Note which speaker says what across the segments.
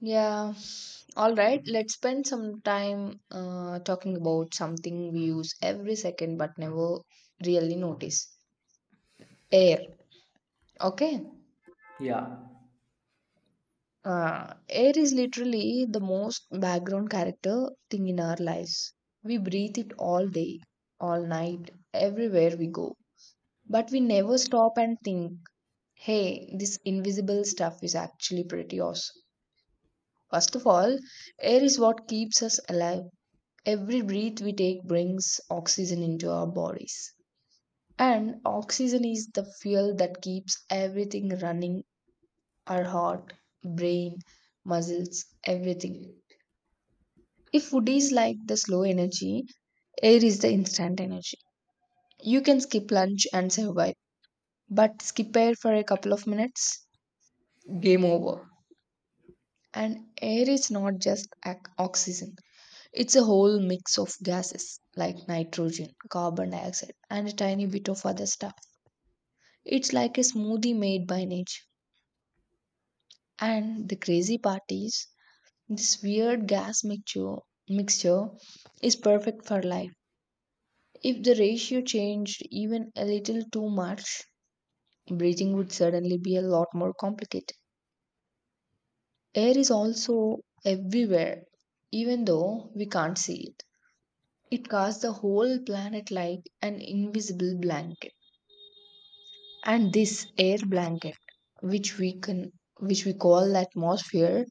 Speaker 1: Yeah, all right. Let's spend some time talking about something we use every second but never really notice. Air. Okay.
Speaker 2: Yeah.
Speaker 1: Air is literally the most background character thing in our lives. We breathe it all day, all night, everywhere we go. But we never stop and think, hey, this invisible stuff is actually pretty awesome. First of all, air is what keeps us alive. Every breath we take brings oxygen into our bodies. And oxygen is the fuel that keeps everything running our heart, brain, muscles, everything. If food is like the slow energy, air is the instant energy. You can skip lunch and survive, but skip air for a couple of minutes, game over. And air is not just oxygen, it's a whole mix of gases like nitrogen, carbon dioxide, and a tiny bit of other stuff. It's like a smoothie made by nature. And the crazy part is, this weird gas mixture is perfect for life. If the ratio changed even a little too much, breathing would suddenly be a lot more complicated. Air is also everywhere, even though we can't see it. It covers the whole planet like an invisible blanket. And this air blanket, which we can which we call the atmosphere,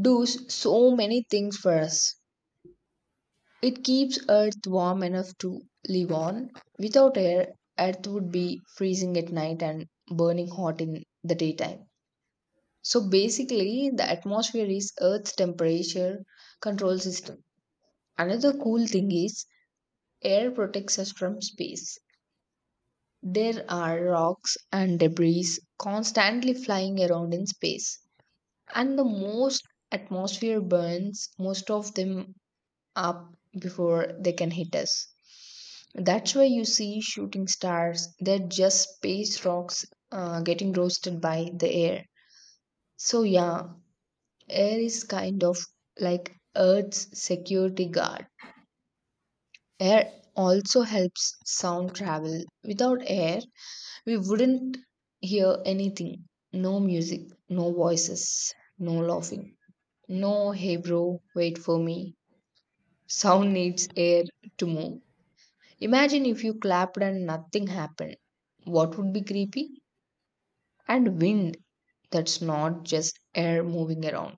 Speaker 1: does so many things for us. It keeps Earth warm enough to live on. Without air, Earth would be freezing at night and burning hot in the daytime. So basically, the atmosphere is Earth's temperature control system. Another cool thing is air protects us from space. There are rocks and debris constantly flying around in space. And the most atmosphere burns, most of them up before they can hit us. That's why you see shooting stars, they're just space rocks getting roasted by the air. So, yeah, air is kind of like Earth's security guard. Air also helps sound travel. Without air, we wouldn't hear anything no music, no voices, no laughing, no hey bro, wait for me. Sound needs air to move. Imagine if you clapped and nothing happened. What would be creepy? And wind, that's not just air moving around.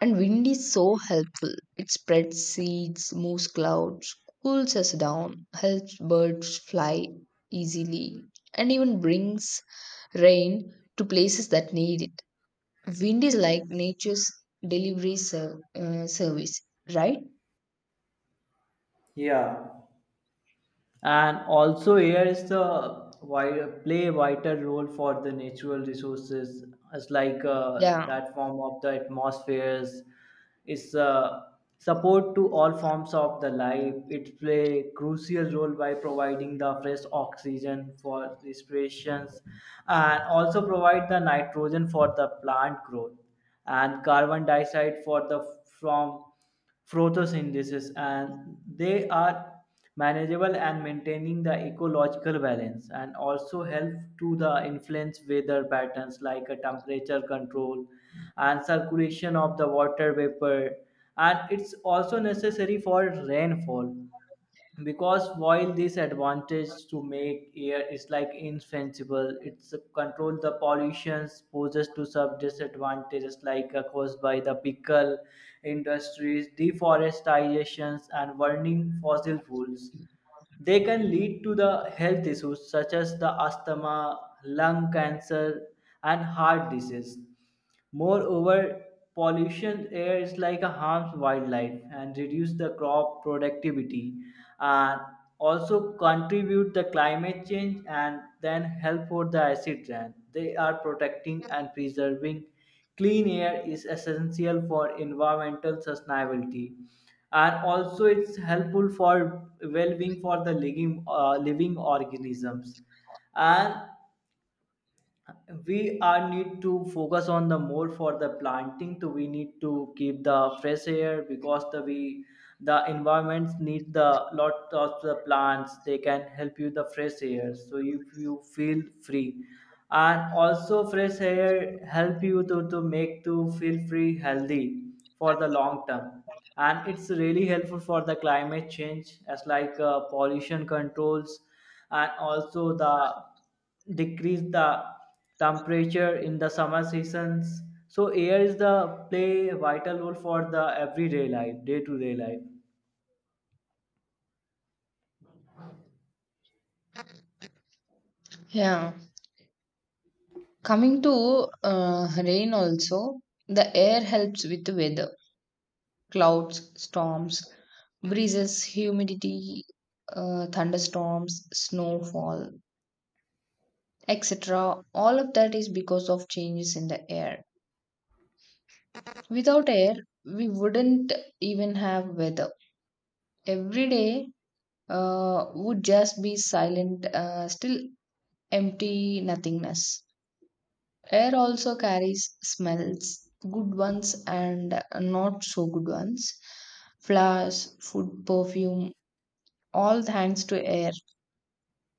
Speaker 1: And wind is so helpful. It spreads seeds, moves clouds, cools us down, helps birds fly easily, and even brings rain to places that need it. Wind is like nature's delivery service, right?
Speaker 2: Yeah, and also here is the wi- play vital role for the natural resources. It's like
Speaker 1: Yeah,
Speaker 2: that form of the atmospheres. Is support to all forms of the life. It play crucial role by providing the fresh oxygen for respirations, and also provide the nitrogen for the plant growth and carbon dioxide for the from photosynthesis, and they are manageable and maintaining the ecological balance, and also help to the influence weather patterns like a temperature control and circulation of the water vapor, and it's also necessary for rainfall because while this advantage to make air is like insensible, it's control the pollutions poses to some disadvantages like caused by the pickle industries, deforestations, and burning fossil fuels. They can lead to the health issues such as the asthma, lung cancer, and heart disease. Moreover, pollution air is like a harms wildlife and reduce the crop productivity, and also contribute the climate change and then help for the acid rain. They are protecting and preserving clean air is essential for environmental sustainability, and also it's helpful for well-being for the living organisms, and we are need to focus on the more for the planting. So we need to keep the fresh air because the we the environments need the lot of the plants, they can help you the fresh air so if you feel free, and also fresh air help you to make to feel free healthy for the long term, and it's really helpful for the climate change as like pollution controls, and also the decrease the temperature in the summer seasons. So air is the play vital role for the everyday life, day to day life.
Speaker 1: yeah. Coming to rain, also, the air helps with the weather clouds, storms, breezes, humidity, thunderstorms, snowfall, etc. All of that is because of changes in the air. Without air, we wouldn't even have weather. Every day would just be silent, still empty nothingness. Air also carries smells, good ones and not so good ones. Flowers, food, perfume, all thanks to air.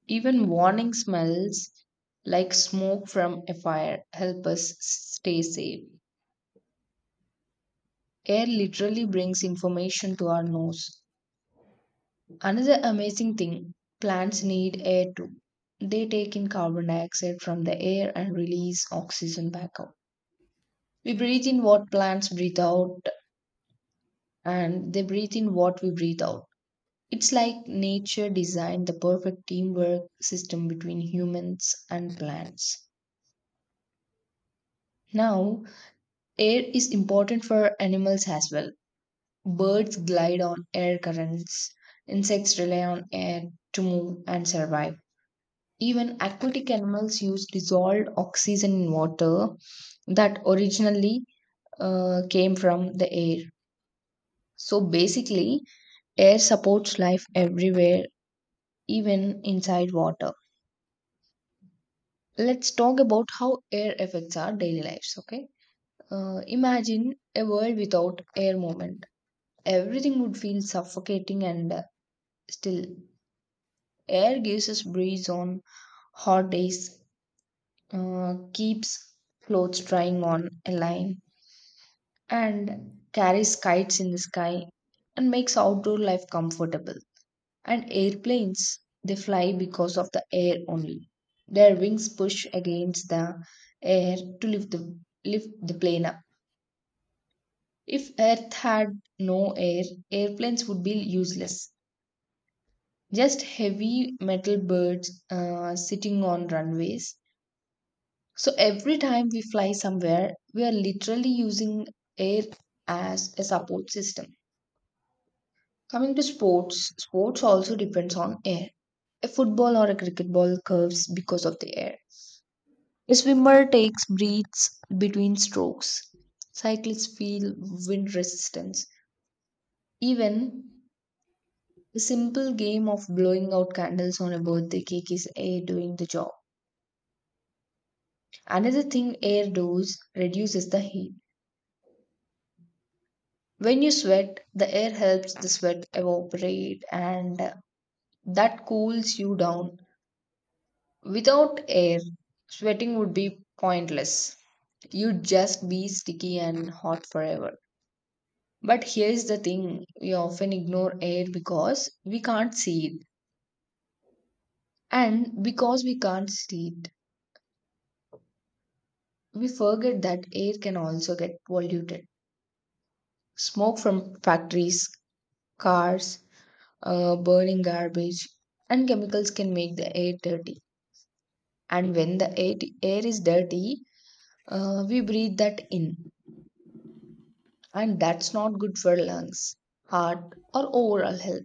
Speaker 1: Even warning smells like smoke from a fire help us stay safe. Air literally brings information to our nose. Another amazing thing plants need air too. They take in carbon dioxide from the air and release oxygen back out. We breathe in what plants breathe out, and they breathe in what we breathe out. It's like nature designed the perfect teamwork system between humans and plants. Now, air is important for animals as well. Birds glide on air currents, insects rely on air to move and survive. Even aquatic animals use dissolved oxygen in water that originally came from the air. So basically, air supports life everywhere even inside water. Let's talk about how air affects our daily lives, okay? Imagine a world without air movement. Everything would feel suffocating and still. Air gives us breeze on hot days, keeps clothes drying on a line, and carries kites in the sky and makes outdoor life comfortable. And airplanes, they fly because of the air only. Their wings push against the air to lift the plane up. If Earth had no air, airplanes would be useless. Just heavy metal birds sitting on runways. So every time we fly somewhere, we are literally using air as a support system. Coming to sports, sports also depends on air. A football or a cricket ball curves because of the air. A swimmer takes breaths between strokes. Cyclists feel wind resistance. Even a simple game of blowing out candles on a birthday cake is air doing the job. Another thing air does reduces the heat. When you sweat, the air helps the sweat evaporate and that cools you down. Without air, sweating would be pointless. You'd just be sticky and hot forever. But here's the thing we often ignore air because we can't see it. And because we can't see it, we forget that air can also get polluted. Smoke from factories, cars, burning garbage, and chemicals can make the air dirty. And when the air is dirty, we breathe that in. And that's not good for lungs, heart, or overall health.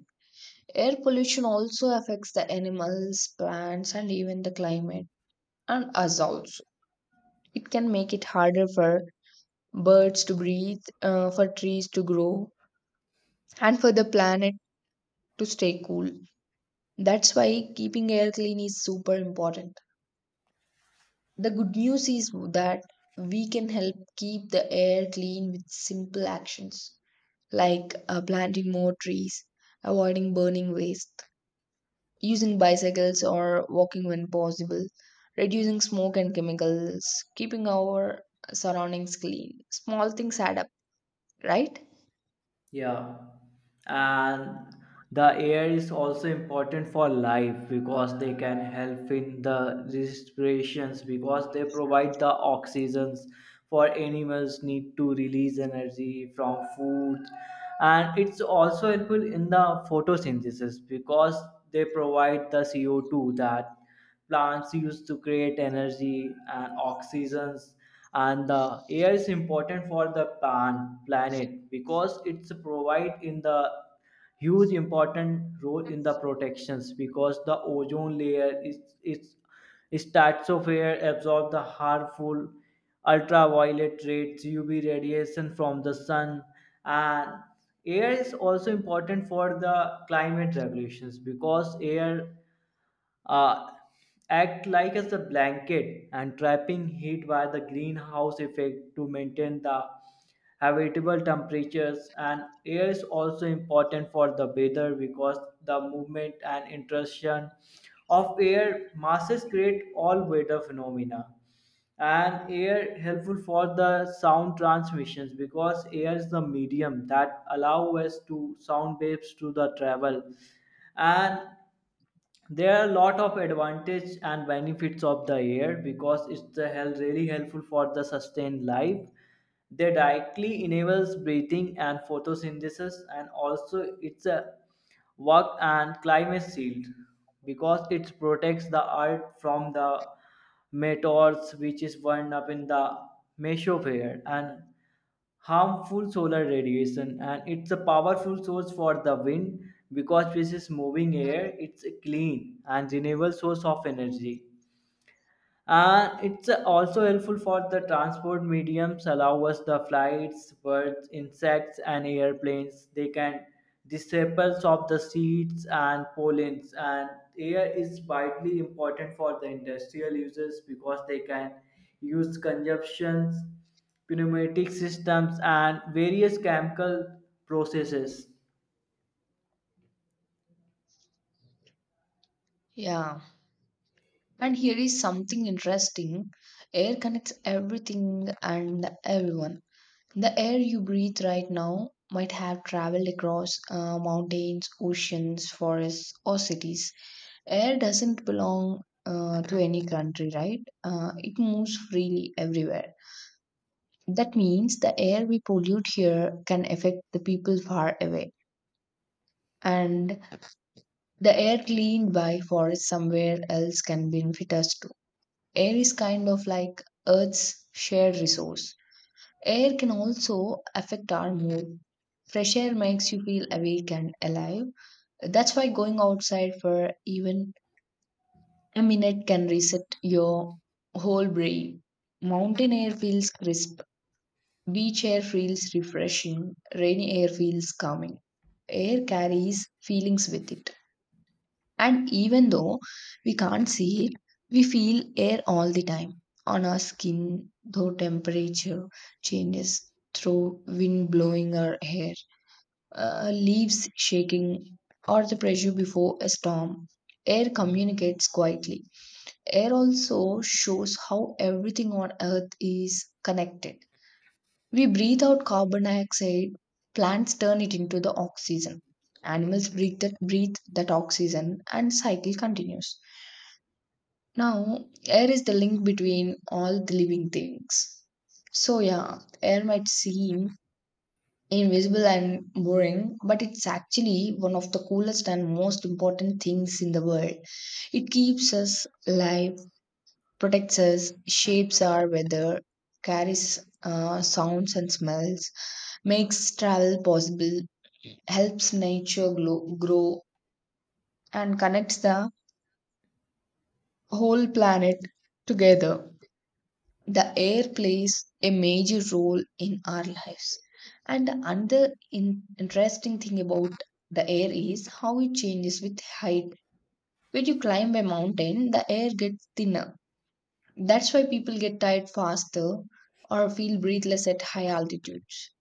Speaker 1: Air pollution also affects the animals, plants, and even the climate and us also. It can make it harder for birds to breathe, for trees to grow, and for the planet to stay cool. That's why keeping air clean is super important. The good news is that we can help keep the air clean with simple actions like planting more trees, avoiding burning waste, using bicycles or walking when possible, reducing smoke and chemicals, keeping our surroundings clean. Small things add up. Right?
Speaker 2: Yeah, and the air is also important for life because they can help in the respirations because they provide the oxygens for animals need to release energy from food, and it's also helpful in the photosynthesis because they provide the CO2 that plants used to create energy and oxygens, and the air is important for the plant planet because it's provide in the huge important role in the protections because the ozone layer is its stratosphere absorb the harmful ultraviolet rays uv radiation from the sun. And air is also important for the climate regulations because air uh, act like as a blanket and trapping heat by the greenhouse effect to maintain the habitable temperatures. And air is also important for the weather because the movement and interaction of air masses create all weather phenomena, and air helpful for the sound transmissions because air is the medium that allow us to sound waves to the travel. And there are a lot of advantage and benefits of the air because it's the hell really helpful for the sustained life. They directly enables breathing and photosynthesis, and also it's a work and climate shield because it protects the earth from the meteors which is burned up in the mesosphere and harmful solar radiation, and it's a powerful source for the wind because this is moving air, it's a clean and renewable source of energy. It's also helpful for the transport mediums, allow us the flights, birds, insects, and airplanes. They can disciples of the seeds and pollens, and air is widely important for the industrial users because they can use consumptions, pneumatic systems, and various chemical processes.
Speaker 1: Yeah. And here is something interesting air connects everything and everyone. The air you breathe right now might have traveled across mountains, oceans, forests, or cities. Air doesn't belong to any country, right? It moves freely everywhere. That means the air we pollute here can affect the people far away. And the air cleaned by forests somewhere else can benefit us. Air is kind of like Earth's shared resource. Air can also affect our mood. Fresh air makes you feel awake and alive. That's why going outside for even a minute can reset your whole brain. Mountain air feels crisp, beach air feels refreshing, rainy air feels calming. Air carries feelings with it. And even though we can't see it, we feel air all the time on our skin, though temperature changes through wind blowing our hair, leaves shaking, or the pressure before a storm. Air communicates quietly. Air also shows how everything on earth is connected. We breathe out carbon dioxide, plants turn it into the oxygen. Animals breathe that oxygen and cycle continues. Now, air is the link between all the living things. So, yeah, air might seem invisible and boring, but it's actually one of the coolest and most important things in the world. It keeps us alive, protects us, shapes our weather, carries sounds and smells, makes travel possible, helps nature grow, and connects the whole planet together. The air plays a major role in our lives. And another interesting thing about the air is how it changes with height. When you climb a mountain, the air gets thinner. That's why people get tired faster or feel breathless at high altitudes.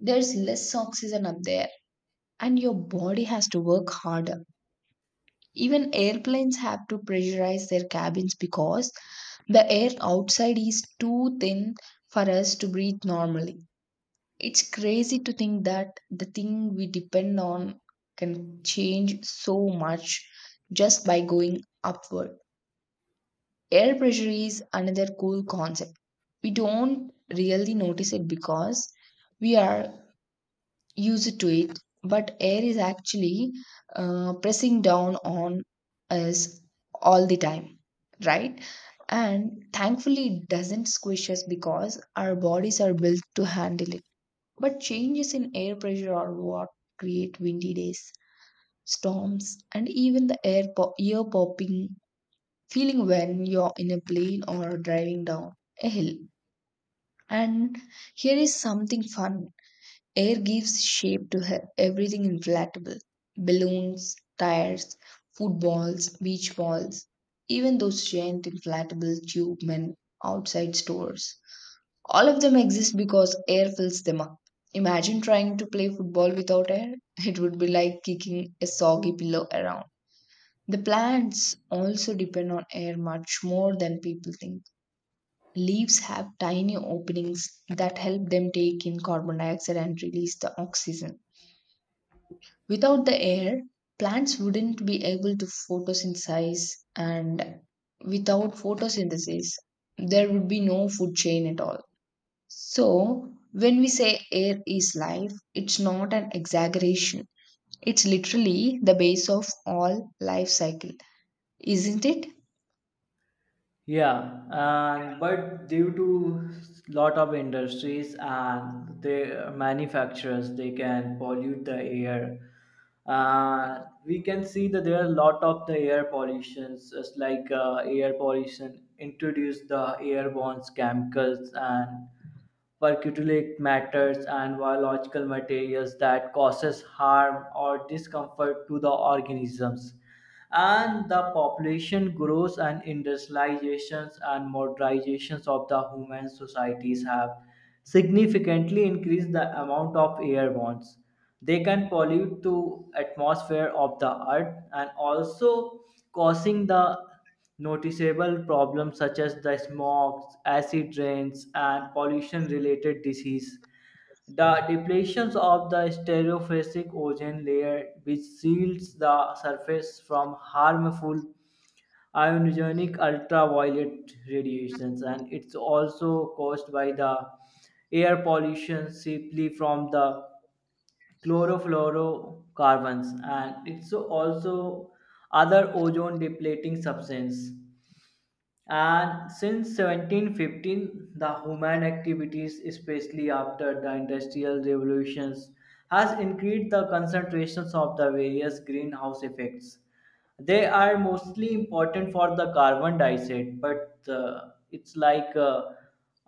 Speaker 1: There's less oxygen up there, and your body has to work harder. Even airplanes have to pressurize their cabins because the air outside is too thin for us to breathe normally. It's crazy to think that the thing we depend on can change so much just by going upward. Air pressure is another cool concept. We don't really notice it because we are used to it, but air is actually pressing down on us all the time, right? And thankfully, it doesn't squish us because our bodies are built to handle it. But changes in air pressure are what create windy days, storms, and even the ear popping feeling when you're in a plane or driving down a hill. And here is something fun air gives shape to everything inflatable balloons, tires, footballs, beach balls, even those giant inflatable tube men outside stores. All of them exist because air fills them up. Imagine trying to play football without air. It would be like kicking a soggy pillow around. The plants also depend on air much more than people think. Leaves have tiny openings that help them take in carbon dioxide and release the oxygen. Without the air, plants wouldn't be able to photosynthesize, and without photosynthesis, there would be no food chain at all. So, when we say air is life, it's not an exaggeration. It's literally the base of all life cycle, isn't it?
Speaker 2: Yeah, and but due to lot of industries and the manufacturers, they can pollute the air. Uh, we can see that there are a lot of the air pollutions, just like air pollution introduced the airborne chemicals and particulate matters and biological materials that causes harm or discomfort to the organisms, and the population grows and industrializations and modernizations of the human societies have significantly increased the amount of air bonds they can pollute to atmosphere of the earth, and also causing the noticeable problems such as the smog, acid rains, and pollution related disease, the depletions of the stereophasic ozone layer, which shields the surface from harmful ionizing ultraviolet radiations, and it's also caused by the air pollution simply from the chlorofluorocarbons, and it's also other ozone depleting substance. And since 1715, the human activities, especially after the Industrial Revolutions, has increased the concentrations of the various greenhouse effects. They are mostly important for the carbon dioxide, but it's like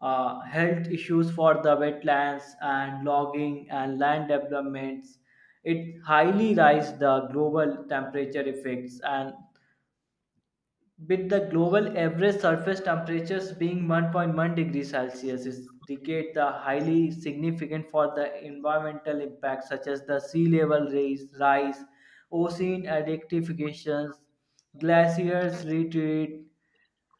Speaker 2: health issues for the wetlands and logging and land developments. It highly rise the global temperature effects, and with the global average surface temperatures being 1.1 degrees Celsius, is indicate the highly significant for the environmental impacts such as the sea level rise, rise ocean acidifications, glaciers retreat,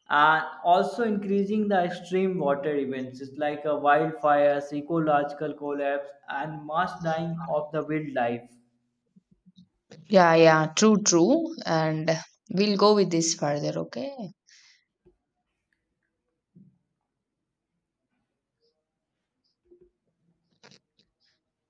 Speaker 2: and also increasing the extreme water events it's like a wildfires, ecological collapse, and mass dying of the wildlife.
Speaker 1: Yeah, yeah, true, true. And we'll go with this further, okay?